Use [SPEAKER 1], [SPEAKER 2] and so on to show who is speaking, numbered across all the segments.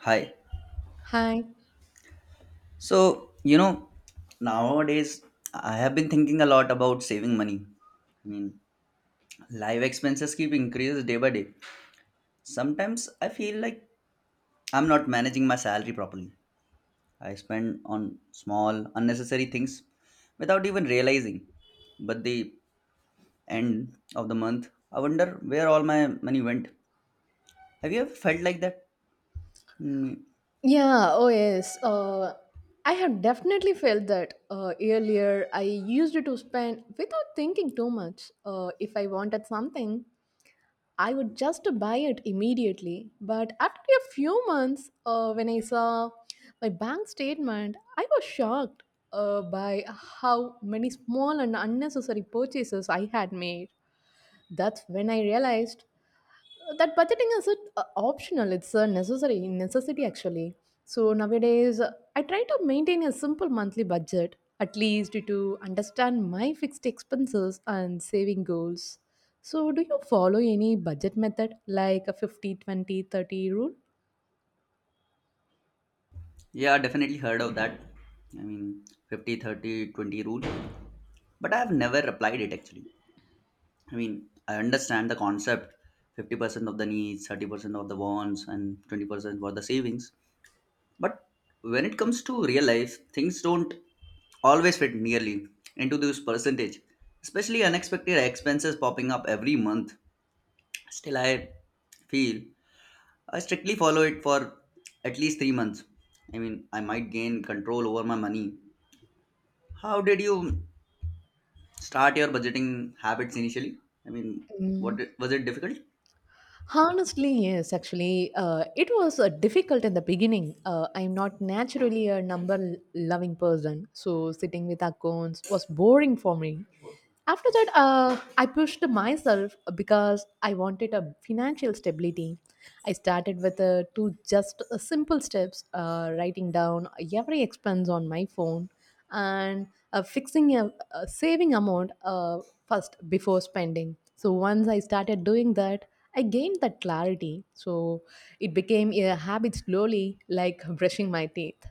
[SPEAKER 1] Hi.
[SPEAKER 2] Hi.
[SPEAKER 1] So, nowadays I have been thinking a lot about saving money. I mean, life expenses keep increases day by day. Sometimes I feel like I'm not managing my salary properly. I spend on small, unnecessary things without even realizing. But the end of the month, I wonder where all my money went. Have you ever felt like that? Mm,
[SPEAKER 2] Yeah, oh yes. I have definitely felt that. Earlier I used to spend without thinking too much. If I wanted something, I would just buy it immediately. But after a few months, when I saw my bank statement, I was shocked by how many small and unnecessary purchases I had made. That's when I realized that budgeting isn't optional, it's a necessary necessity actually. So nowadays I try to maintain a simple monthly budget at least to understand my fixed expenses and saving goals. So do you follow any budget method like a 50 20 30
[SPEAKER 1] yeah, definitely heard of that. I mean, 50, 30, 20 rule, but I have never applied it actually. I mean, I understand the concept 50% of the needs, 30% of the wants, and 20% for the savings. But when it comes to real life, things don't always fit nearly into this percentage, especially unexpected expenses popping up every month. Still, I feel I strictly follow it for at least 3 months. I mean, I might gain control over my money. How did you start your budgeting habits initially? I mean, what
[SPEAKER 2] rule?
[SPEAKER 1] was it difficult?
[SPEAKER 2] Honestly, yes, actually, it was difficult in the beginning. I'm not naturally a number loving person, so sitting with accounts was boring for me. After that, I pushed myself because I wanted a financial stability. I started with two just simple steps: writing down every expense on my phone and fixing a saving amount first before spending. So once I started doing that, I gained that clarity. So it became a habit slowly, like brushing my teeth.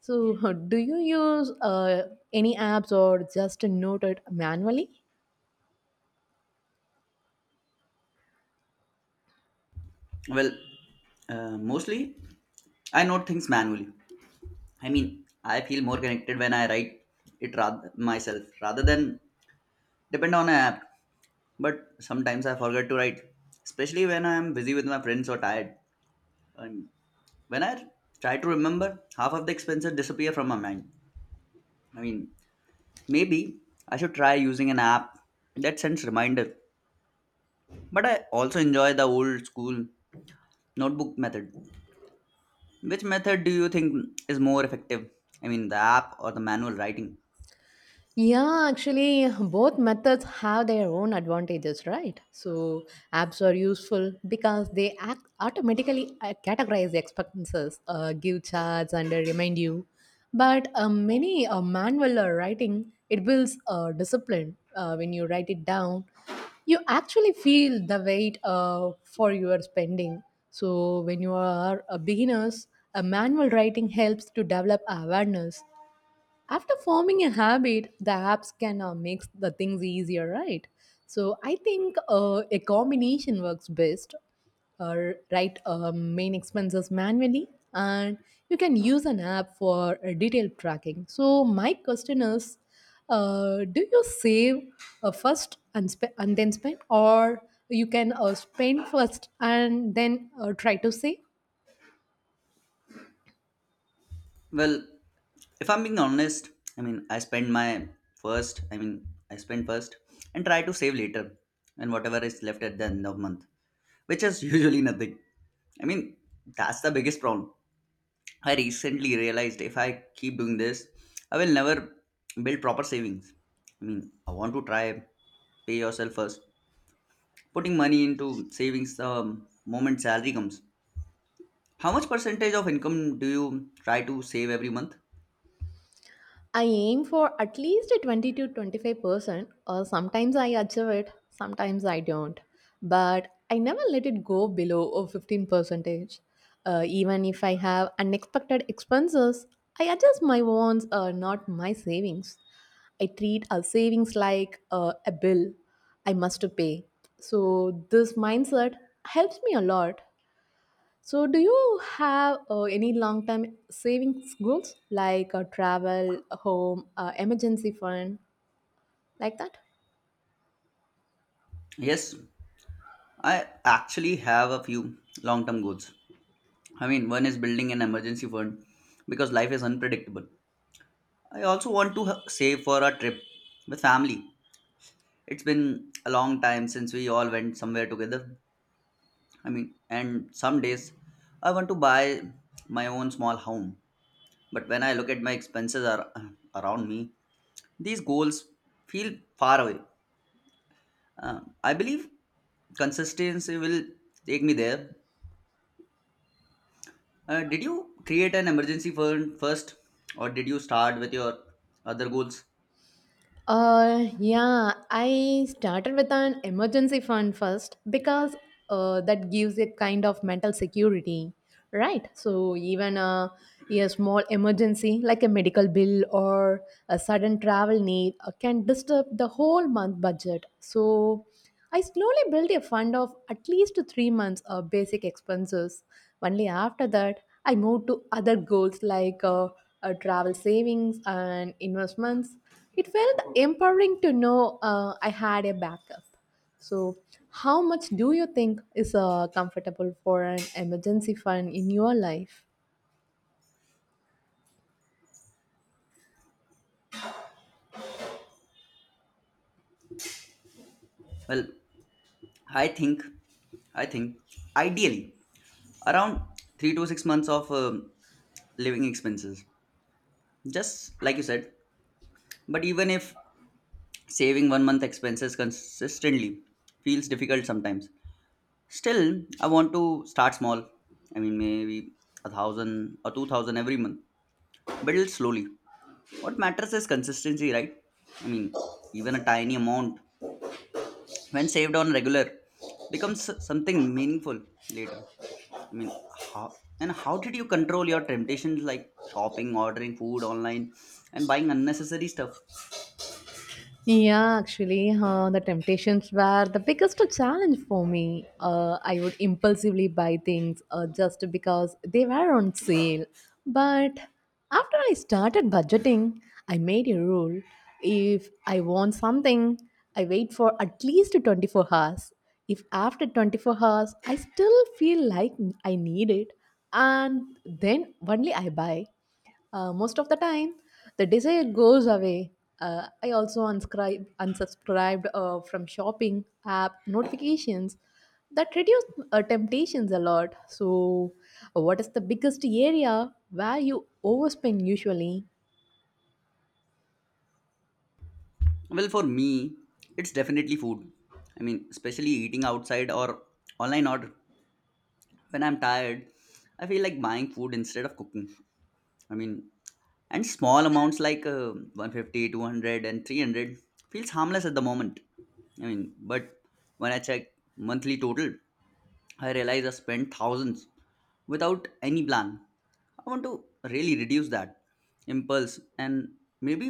[SPEAKER 2] So do you use any apps or just note it manually?
[SPEAKER 1] Well, mostly, I note things manually. I mean, I feel more connected when I write it rather, myself rather than depend on an app. But sometimes I forget to write, especially when I am busy with my friends or tired. And when I try to remember, half of the expenses disappear from my mind. I mean, maybe I should try using an app that sends reminder. But I also enjoy the old school notebook method. Which method do you think is more effective? I mean, the app or the manual writing?
[SPEAKER 2] Yeah, actually, both methods have their own advantages, right? So, apps are useful because they act automatically, categorize the expenses, give charts, and remind you. But many manual writing it builds discipline. When you write it down, you actually feel the weight for your spending. So, when you are a beginners, a manual writing helps to develop awareness. After forming a habit, the apps can make the things easier, right? So I think a combination works best. Write main expenses manually, and you can use an app for detailed tracking. So my question is, do you save first and, and then spend, or you can spend first and then try to save?
[SPEAKER 1] Well, if I'm being honest, I mean, I spend my first, I mean, I spend first and try to save later and whatever is left at the end of month, which is usually nothing. I mean, that's the biggest problem. I recently realized if I keep doing this, I will never build proper savings. I mean, I want to try pay yourself first. Putting money into savings the moment salary comes. How much percentage of income do you try to save every month?
[SPEAKER 2] I aim for at least a 20 to 25%, or sometimes I achieve it, sometimes I don't. But I never let it go below a 15 percentage. Even if I have unexpected expenses, I adjust my wants, not my savings. I treat our savings like a bill I must pay. So this mindset helps me a lot. So, do you have any long term savings goals like travel, home, emergency fund, like that?
[SPEAKER 1] Yes, I actually have a few long term goals. I mean, one is building an emergency fund because life is unpredictable. I also want to save for a trip with family. It's been a long time since we all went somewhere together. I mean, and some days I want to buy my own small home. But when I look at my expenses are around me, these goals feel far away. I believe consistency will take me there. Did you create an emergency fund first, or did you start with your other goals?
[SPEAKER 2] Yeah, I started with an emergency fund first because that gives a kind of mental security, right? So, even a small emergency like a medical bill or a sudden travel need can disturb the whole month budget. So, I slowly built a fund of at least 3 months of basic expenses. Only after that, I moved to other goals like travel savings and investments. It felt empowering to know I had a backup. So, how much do you think is comfortable for an emergency fund in your life?
[SPEAKER 1] Well, I think, I think, ideally, around 3 to 6 months of living expenses, just like you said. But even if saving 1 month expenses consistently feels difficult sometimes, still I want to start small. I mean, maybe 1,000 or 2,000 every month, build slowly. What matters is consistency, right? I mean, even a tiny amount when saved on regular becomes something meaningful later. I mean, how how did you control your temptations like shopping, ordering food online, and buying unnecessary stuff?
[SPEAKER 2] Yeah, actually, the temptations were the biggest challenge for me. I would impulsively buy things just because they were on sale. But after I started budgeting, I made a rule. If I want something, I wait for at least 24 hours. If after 24 hours I still feel like I need it, and then only I buy. Most of the time, the desire goes away. I also unsubscribed from shopping app notifications that reduce temptations a lot. So, what is the biggest area where you overspend usually?
[SPEAKER 1] Well, for me, it's definitely food. I mean, especially eating outside or online order. When I'm tired, I feel like buying food instead of cooking. I mean, and small amounts like 150 feels harmless at the moment. I mean, but when I check monthly total, I realize I spent thousands without any plan. I want to really reduce that impulse and maybe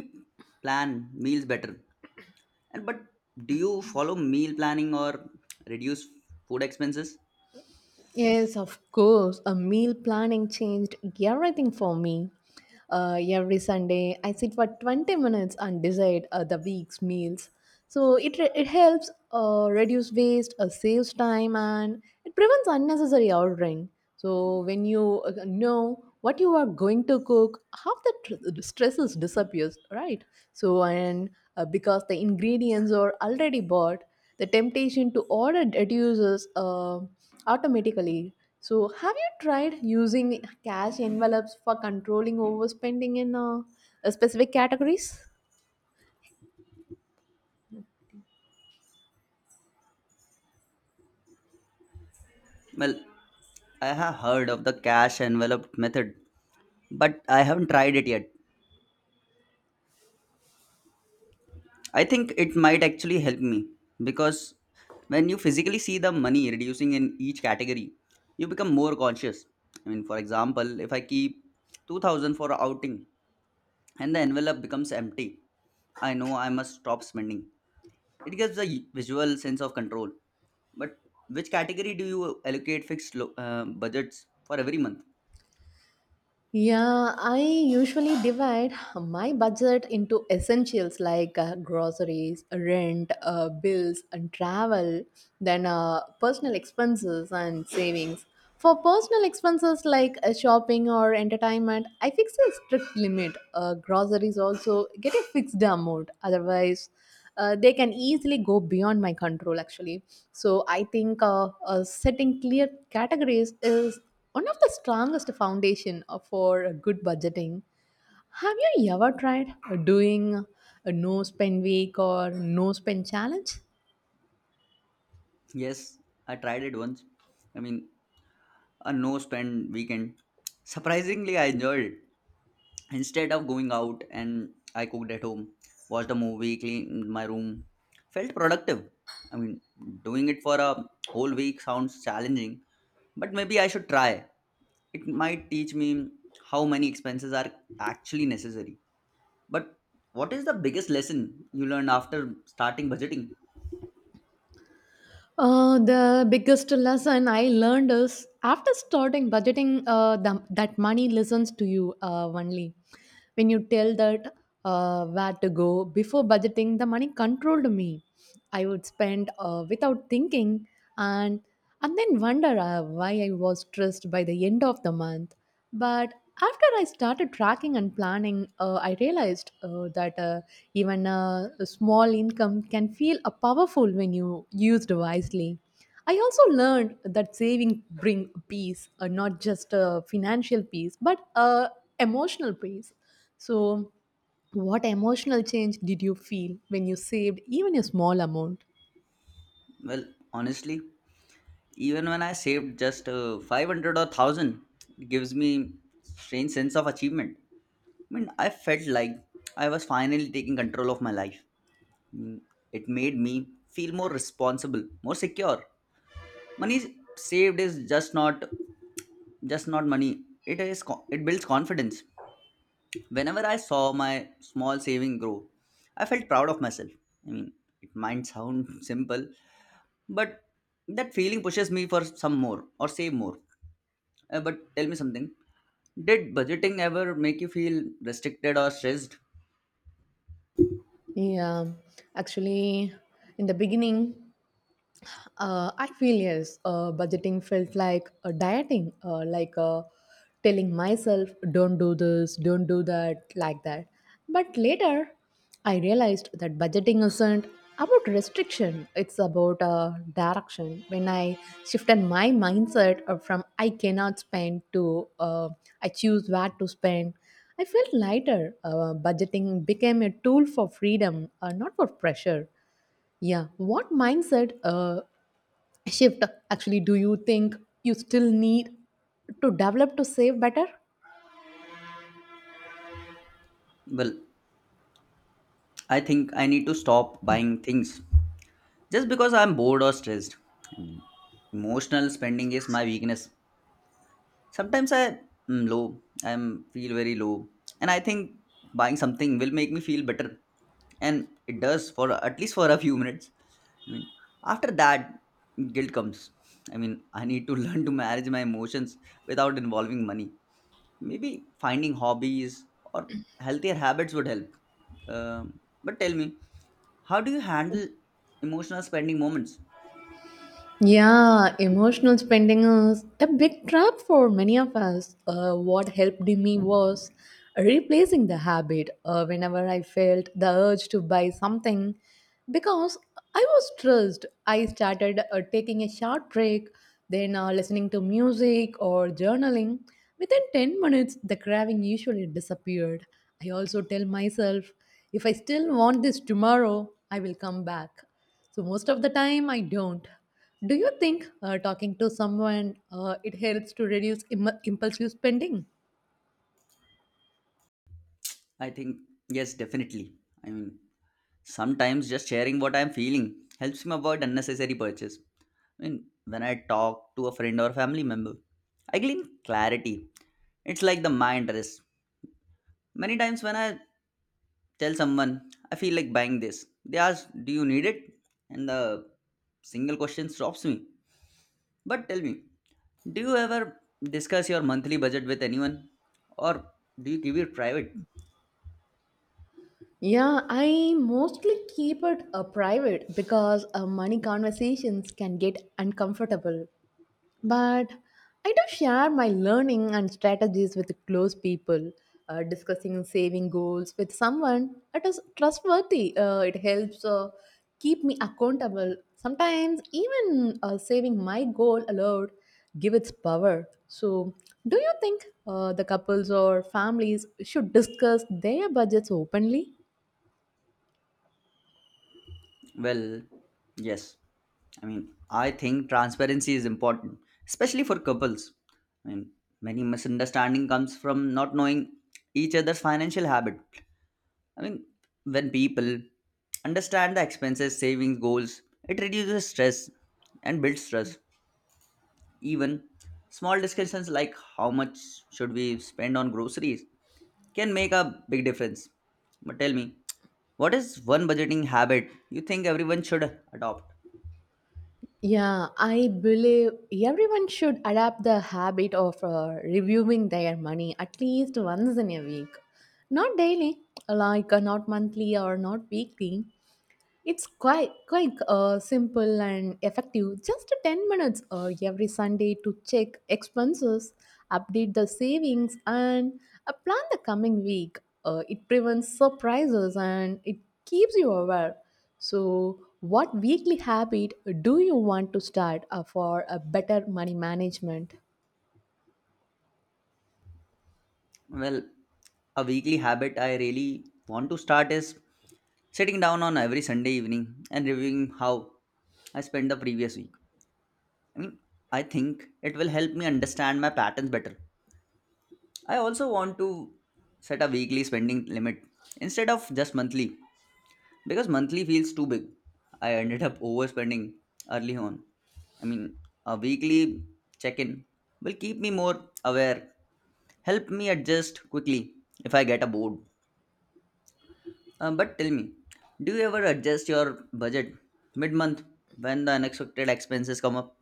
[SPEAKER 1] plan meals better. And but do you follow meal planning or reduce food expenses?
[SPEAKER 2] Yes, of course. A meal planning changed everything for me. Every Sunday, I sit for 20 minutes and decide the week's meals. So it helps reduce waste, saves time, and it prevents unnecessary ordering. So when you know what you are going to cook, half the stresses disappears, right? So and because the ingredients are already bought, the temptation to order reduces automatically. So, have you tried using cash envelopes for controlling overspending in specific categories?
[SPEAKER 1] Well, I have heard of the cash envelope method, but I haven't tried it yet. I think it might actually help me because when you physically see the money reducing in each category, you become more conscious. I mean, for example, if I keep 2000 for a outing and the envelope becomes empty, I know I must stop spending. It gives a visual sense of control. But which category do you allocate fixed budgets for every month?
[SPEAKER 2] Yeah, I usually divide my budget into essentials like groceries, rent, bills, and travel, then personal expenses and savings. For personal expenses like shopping or entertainment, I fix a strict limit. Groceries also get a fixed amount, otherwise, they can easily go beyond my control actually. So I think setting clear categories is one of the strongest foundation for good budgeting. Have you ever tried doing a no spend week or no spend challenge?
[SPEAKER 1] Yes, I tried it once. I mean, a no spend weekend. Surprisingly, I enjoyed it. Instead of going out and I cooked at home, watched a movie, cleaned my room, felt productive. I mean, doing it for a whole week sounds challenging, but maybe I should try. It might teach me how many expenses are actually necessary. But what is the biggest lesson you learned after starting budgeting?
[SPEAKER 2] The biggest lesson I learned is after starting budgeting, that money listens to you only. When you tell that where to go. Before budgeting, the money controlled me. I would spend without thinking, and and then wonder why I was stressed by the end of the month. But after I started tracking and planning, I realized that even a small income can feel a powerful when you used wisely. I also learned that saving bring peace, not just financial peace, but emotional peace. So, what emotional change did you feel when you saved even a small amount?
[SPEAKER 1] Well, honestly, even when I saved just 500 or 1000, it gives me strange sense of achievement. I mean, I felt like I was finally taking control of my life. I mean, it made me feel more responsible, more secure. Money saved is just not money. It builds confidence. Whenever I saw my small saving grow, I felt proud of myself. I mean, it might sound simple, but that feeling pushes me for some more or save more. But tell me something. Did budgeting ever make you feel restricted or stressed?
[SPEAKER 2] Yeah, actually, in the beginning, I feel yes. Budgeting felt like dieting, telling myself, don't do this, don't do that, like that. But later, I realized that budgeting isn't about restriction, it's about direction. When I shifted my mindset from I cannot spend to I choose where to spend, I felt lighter. Budgeting became a tool for freedom, not for pressure. Yeah. What mindset shift actually do you think you still need to develop to save better?
[SPEAKER 1] Well, I think I need to stop buying things just because I'm bored or stressed. I mean, emotional spending is my weakness. Sometimes I am low, I am feel very low, and I think buying something will make me feel better, and it does for at least for a few minutes. I mean, after that, guilt comes. I mean, I need to learn to manage my emotions without involving money. Maybe finding hobbies or healthier habits would help. But tell me, how do you handle emotional spending moments?
[SPEAKER 2] Yeah, emotional spending is a big trap for many of us. What helped me was replacing the habit whenever I felt the urge to buy something. Because I was stressed, I started taking a short break, then listening to music or journaling. Within 10 minutes, the craving usually disappeared. I also tell myself, if I still want this tomorrow, I will come back. So most of the time, I don't. Do you think talking to someone it helps to reduce impulsive spending?
[SPEAKER 1] I think, yes, definitely. I mean, sometimes just sharing what I'm feeling helps me avoid unnecessary purchase. I mean, when I talk to a friend or family member, I gain clarity. It's like the mind rest. Many times when I tell someone, I feel like buying this, they ask, Do you need it? And the single question stops me. But tell me, do you ever discuss your monthly budget with anyone or do you keep it private?
[SPEAKER 2] Yeah, I mostly keep it private because money conversations can get uncomfortable. But I do share my learning and strategies with close people. Discussing saving goals with someone that is trustworthy it helps keep me accountable. Sometimes even saving my goal aloud give its power. So do you think the couples or families should discuss their budgets openly?
[SPEAKER 1] Well, yes. I mean, I think transparency is important, especially for couples. I mean, many misunderstanding comes from not knowing each other's financial habit. I mean, when people understand the expenses, savings, goals, it reduces stress and builds trust. Even small discussions like how much should we spend on groceries can make a big difference. But tell me, what is one budgeting habit you think everyone should adopt?
[SPEAKER 2] Yeah, I believe everyone should adapt the habit of reviewing their money at least once in a week. Not daily, like not monthly or not weekly, it's quite simple and effective. Just 10 minutes every Sunday to check expenses, update the savings, and plan the coming week. It prevents surprises and it keeps you aware. So, what weekly habit do you want to start for a better money management?
[SPEAKER 1] Well, a weekly habit I really want to start is sitting down on every Sunday evening and reviewing how I spent the previous week. I mean, I think it will help me understand my patterns better. I also want to set a weekly spending limit instead of just monthly. Because monthly feels too big, I ended up overspending early on. I mean, a weekly check in will keep me more aware, help me adjust quickly if I get a board. But tell me, do you ever adjust your budget mid month when the unexpected expenses come up?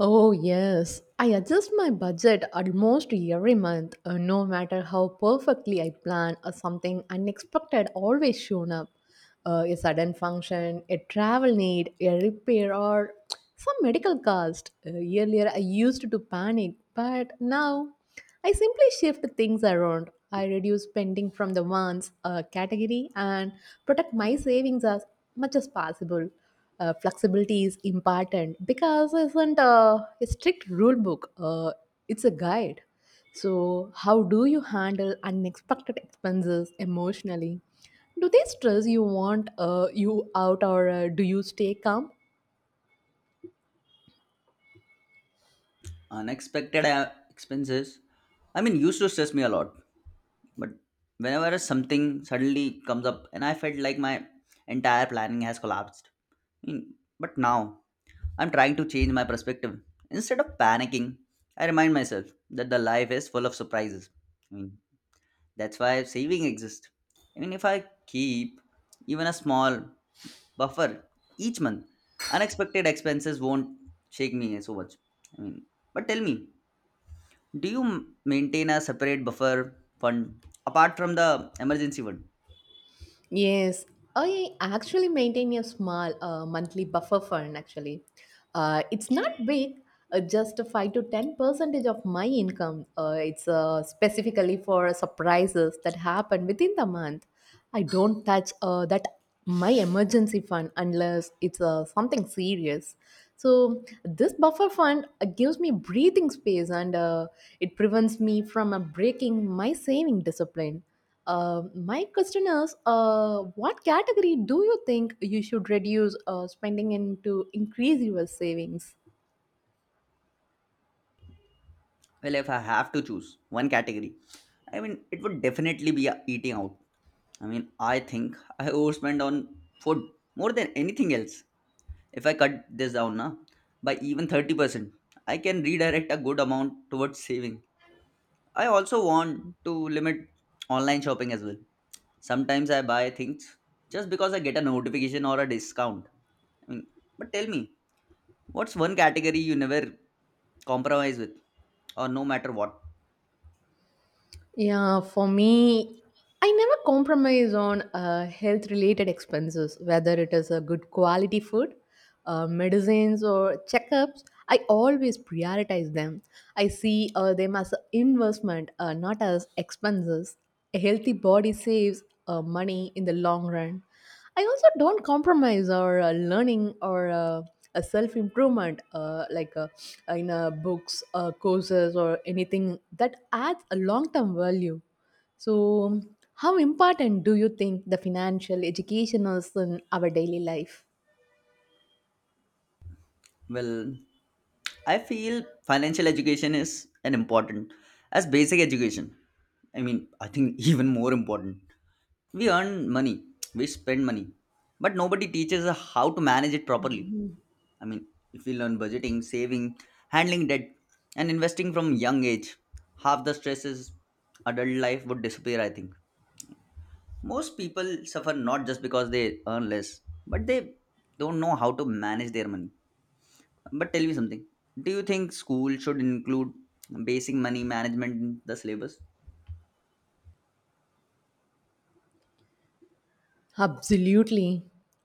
[SPEAKER 2] Oh, yes. I adjust my budget almost every month, no matter how perfectly I plan, or something unexpected always shown up. A sudden function, a travel need, a repair, or some medical cost. Earlier, I used to panic, but now I simply shift things around. I reduce spending from the wants category and protect my savings as much as possible. Flexibility is important because it isn't a strict rule book. It's a guide. So, how do you handle unexpected expenses emotionally? Do they stress you want you out, or do you stay calm?
[SPEAKER 1] Unexpected expenses? I mean, used to stress me a lot. But whenever something suddenly comes up, and I felt like my entire planning has collapsed. I mean, but now I'm trying to change my perspective. Instead of panicking, I remind myself that the life is full of surprises. I mean, that's why saving exists. I mean, if I keep even a small buffer each month, unexpected expenses won't shake me so much. I mean, but tell me, do you maintain a separate buffer fund apart from the emergency fund?
[SPEAKER 2] Yes, I actually maintain a small monthly buffer fund. Actually, it's not big, just 5 to 10 percentage of my income. It's specifically for surprises that happen within the month. I don't touch that my emergency fund unless it's something serious. So this buffer fund gives me breathing space and it prevents me from breaking my saving discipline. Um, my question is, what category do you think you should reduce spending in to increase your savings?
[SPEAKER 1] Well, if I have to choose one category, I mean, it would definitely be eating out. I mean, I think I overspend on food more than anything else. If I cut this down na, by even 30%, I can redirect a good amount towards saving. I also want to limit online shopping as well. Sometimes I buy things just because I get a notification or a discount. I mean, but tell me, what's one category you never compromise with, or no matter what?
[SPEAKER 2] Yeah, for me, I never compromise on health related expenses, whether it is a good quality food, medicines, or checkups. I always prioritize them. I see them as an investment, not as expenses. A healthy body saves money in the long run. I also don't compromise or learning or a self improvement like in books, courses, or anything that adds a long term value. So, how important do you think the financial education is in our daily life?
[SPEAKER 1] Well, I feel financial education is an important as basic education. I mean, I think even more important. We earn money, we spend money, but nobody teaches us how to manage it properly. I mean, if we learn budgeting, saving, handling debt, and investing from young age, half the stresses adult life would disappear. I think most people suffer not just because they earn less, but they don't know how to manage their money. But tell me something. Do you think school should include basic money management in the syllabus?
[SPEAKER 2] Absolutely.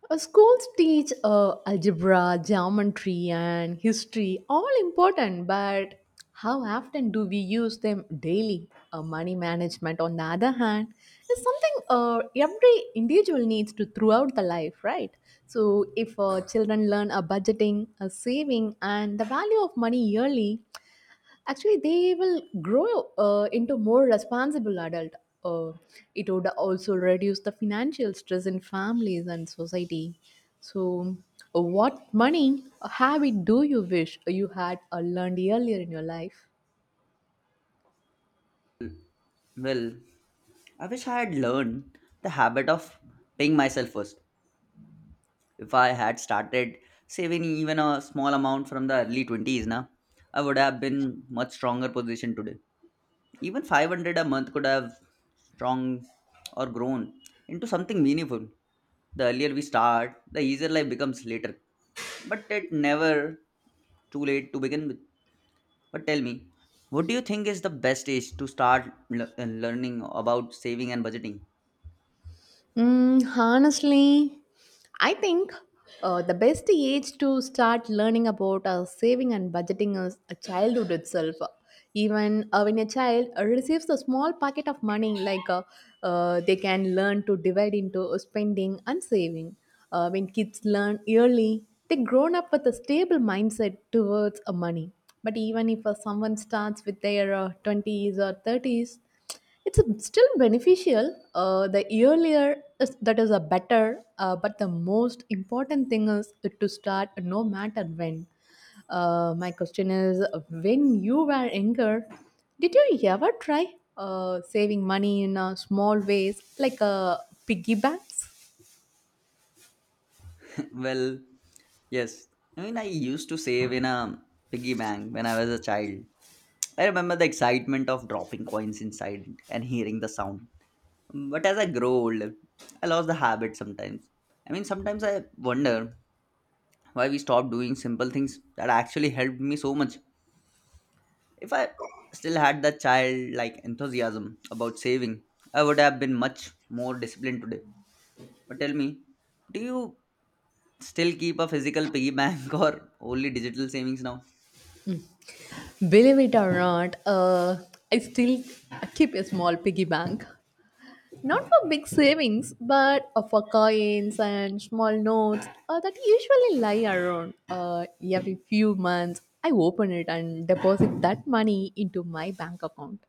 [SPEAKER 2] Schools teach algebra, geometry, and history, all important, but how often do we use them daily? Money management, on the other hand, is something every individual needs to throughout the life, right? So, if children learn a budgeting, a saving, and the value of money yearly, actually they will grow into more responsible adult. Uh, it would also reduce the financial stress in families and society, so what money habit do you wish you had learned earlier in your life?
[SPEAKER 1] Well, I wish I had learned the habit of paying myself first. If I had started saving even a small amount from the early 20s, na, I would have been much stronger position today. Even 500 a month could have strong or grown into something meaningful. The earlier we start, the easier life becomes later. But it never too late to begin with. But tell me, what do you think is the best age to start learning about saving and budgeting?
[SPEAKER 2] Honestly, I think the best age to start learning about saving and budgeting is a childhood itself. Even when a child receives a small packet of money, like they can learn to divide into spending and saving. When kids learn early, they grown up with a stable mindset towards money. But even if someone starts with their 20s or 30s, it's still beneficial. The earlier is, that is a better, but the most important thing is to start no matter when. My question is, when you were younger, did you ever try saving money in small ways like piggy banks?
[SPEAKER 1] Well, yes. I mean, I used to save in a piggy bank when I was a child. I remember the excitement of dropping coins inside and hearing the sound. But as I grow older, I lost the habit sometimes. I mean, sometimes I wonder why we stopped doing simple things that actually helped me so much. If I still had that childlike enthusiasm about saving, I would have been much more disciplined today. But tell me, do you still keep a physical piggy bank or only digital savings now?
[SPEAKER 2] Believe it or not, I still keep a small piggy bank. Not for big savings, but for coins and small notes that usually lie around every few months. I open it and deposit that money into my bank account.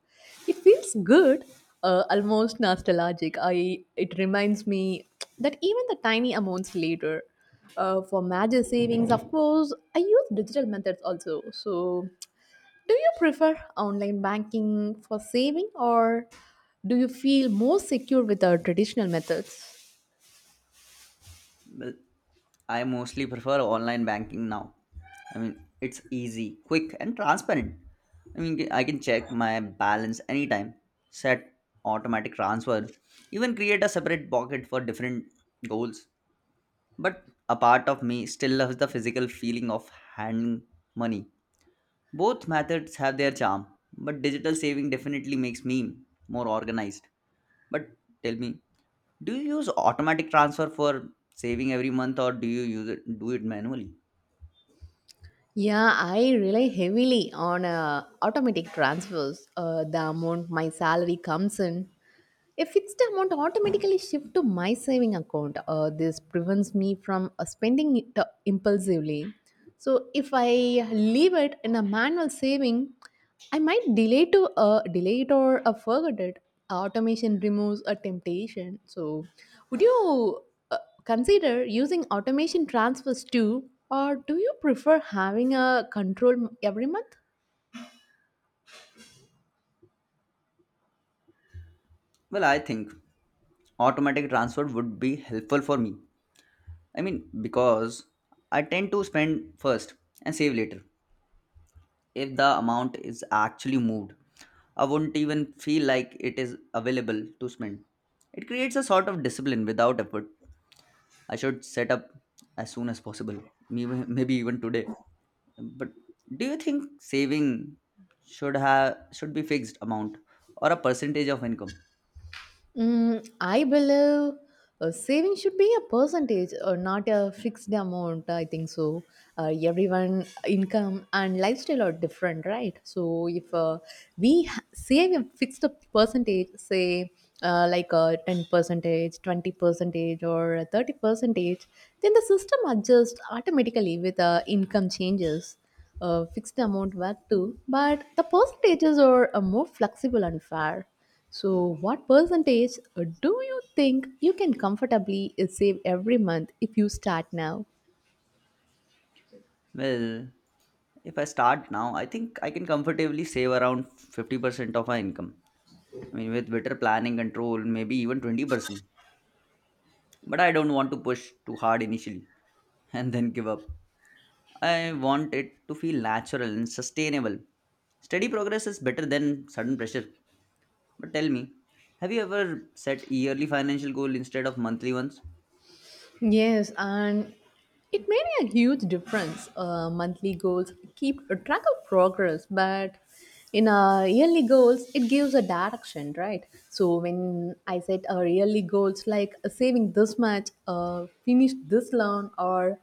[SPEAKER 2] It feels good, almost nostalgic. I it reminds me that even the tiny amounts later. For major savings, of course, I use digital methods also. So, do you prefer online banking for saving or do you feel more secure with our traditional methods?
[SPEAKER 1] Well, I mostly prefer online banking now. I mean, it's easy, quick, and transparent. I mean, I can check my balance anytime, set automatic transfer, even create a separate pocket for different goals. But a part of me still loves the physical feeling of handing money. Both methods have their charm, but digital saving definitely makes me more organized. But tell me, do you use automatic transfer for saving every month or do you use it do it manually?
[SPEAKER 2] Yeah, I rely heavily on automatic transfers. The amount my salary comes in, a fixed amount automatically shifts to my saving account. This prevents me from spending it impulsively. So if I leave it in a manual saving, I might delay to delay it or forget it. Automation removes a temptation. So would you uh, consider using automation transfers too, or do you prefer having a control every month?
[SPEAKER 1] Well, I think automatic transfer would be helpful for me. I mean, because I tend to spend first and save later. If the amount is actually moved, I wouldn't even feel like it is available to spend. It creates a sort of discipline without effort. I should set up as soon as possible, maybe even today. But do you think saving should be fixed amount or a percentage of income?
[SPEAKER 2] I believe saving should be a percentage or not a fixed amount. I think so. Everyone income and lifestyle are different, right? So if we save a fixed percentage, say like a 10 percentage, 20 percentage, or 30 percentage, then the system adjusts automatically with income changes a fixed amount back to, but the percentages are more flexible and fair. So, what percentage do you think you can comfortably save every month if you start now?
[SPEAKER 1] Well, if I start now, I think I can comfortably save around 50% of my income. I mean, with better planning control, maybe even 20%. But I don't want to push too hard initially and then give up. I want it to feel natural and sustainable. Steady progress is better than sudden pressure. But tell me, have you ever set yearly financial goal instead of monthly ones?
[SPEAKER 2] Yes, and it made a huge difference. Monthly goals keep a track of progress, but in our yearly goals, it gives a direction, right? So when I set our yearly goals like saving this much, finish this loan, or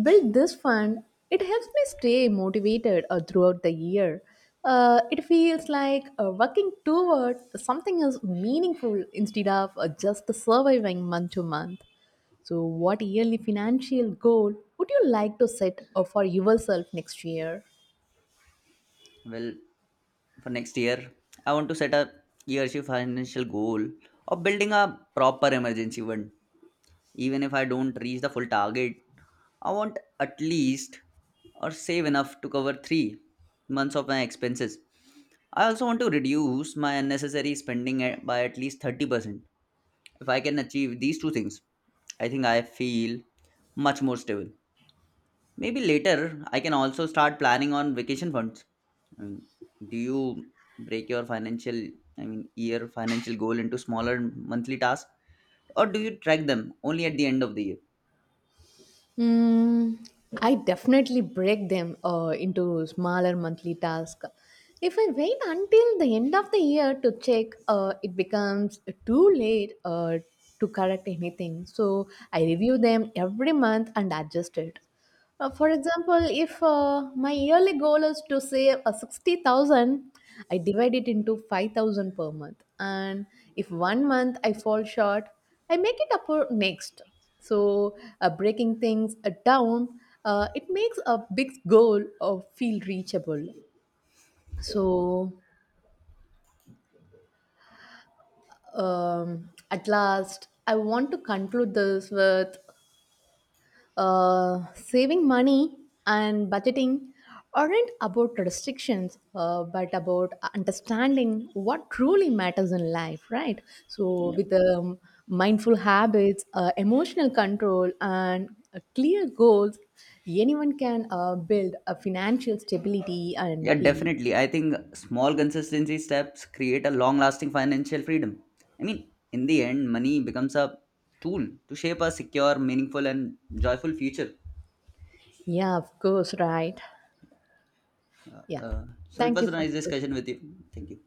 [SPEAKER 2] build this fund, it helps me stay motivated throughout the year. It feels like working toward something is meaningful instead of just surviving month to month. So, what yearly financial goal would you like to set for yourself next year?
[SPEAKER 1] Well, for next year, I want to set a yearly financial goal of building a proper emergency fund. Even if I don't reach the full target, I want at least or save enough to cover 3 months of my expenses. I also want to reduce my unnecessary spending by at least 30%. If I can achieve these two things, I think I feel much more stable. Maybe later I can also start planning on vacation funds. I mean, do you break your financial, I mean, year financial goal into smaller monthly tasks, or do you track them only at the end of the year?
[SPEAKER 2] Hmm, I definitely break them into smaller monthly tasks. If I wait until the end of the year to check, it becomes too late to correct anything. So I review them every month and adjust it. For example, if my yearly goal is to save 60,000, I divide it into 5,000 per month. And if one month I fall short, I make it up for next. So, breaking things down, it makes a big goal feel reachable. So, at last, I want to conclude this with saving money and budgeting aren't about restrictions, but about understanding what truly matters in life, right? So, with mindful habits, emotional control, and clear goals, anyone can build a financial stability
[SPEAKER 1] Yeah,
[SPEAKER 2] and peace.
[SPEAKER 1] definitely. I think small consistency steps create a long lasting financial freedom. I mean, in the end, money becomes a tool to shape a secure, meaningful, and joyful future.
[SPEAKER 2] Yeah, of course, right?
[SPEAKER 1] Uh,
[SPEAKER 2] Yeah.
[SPEAKER 1] uh, so it
[SPEAKER 2] Thank
[SPEAKER 1] was
[SPEAKER 2] you
[SPEAKER 1] a
[SPEAKER 2] for
[SPEAKER 1] nice
[SPEAKER 2] the
[SPEAKER 1] discussion
[SPEAKER 2] session.
[SPEAKER 1] with you. Thank you.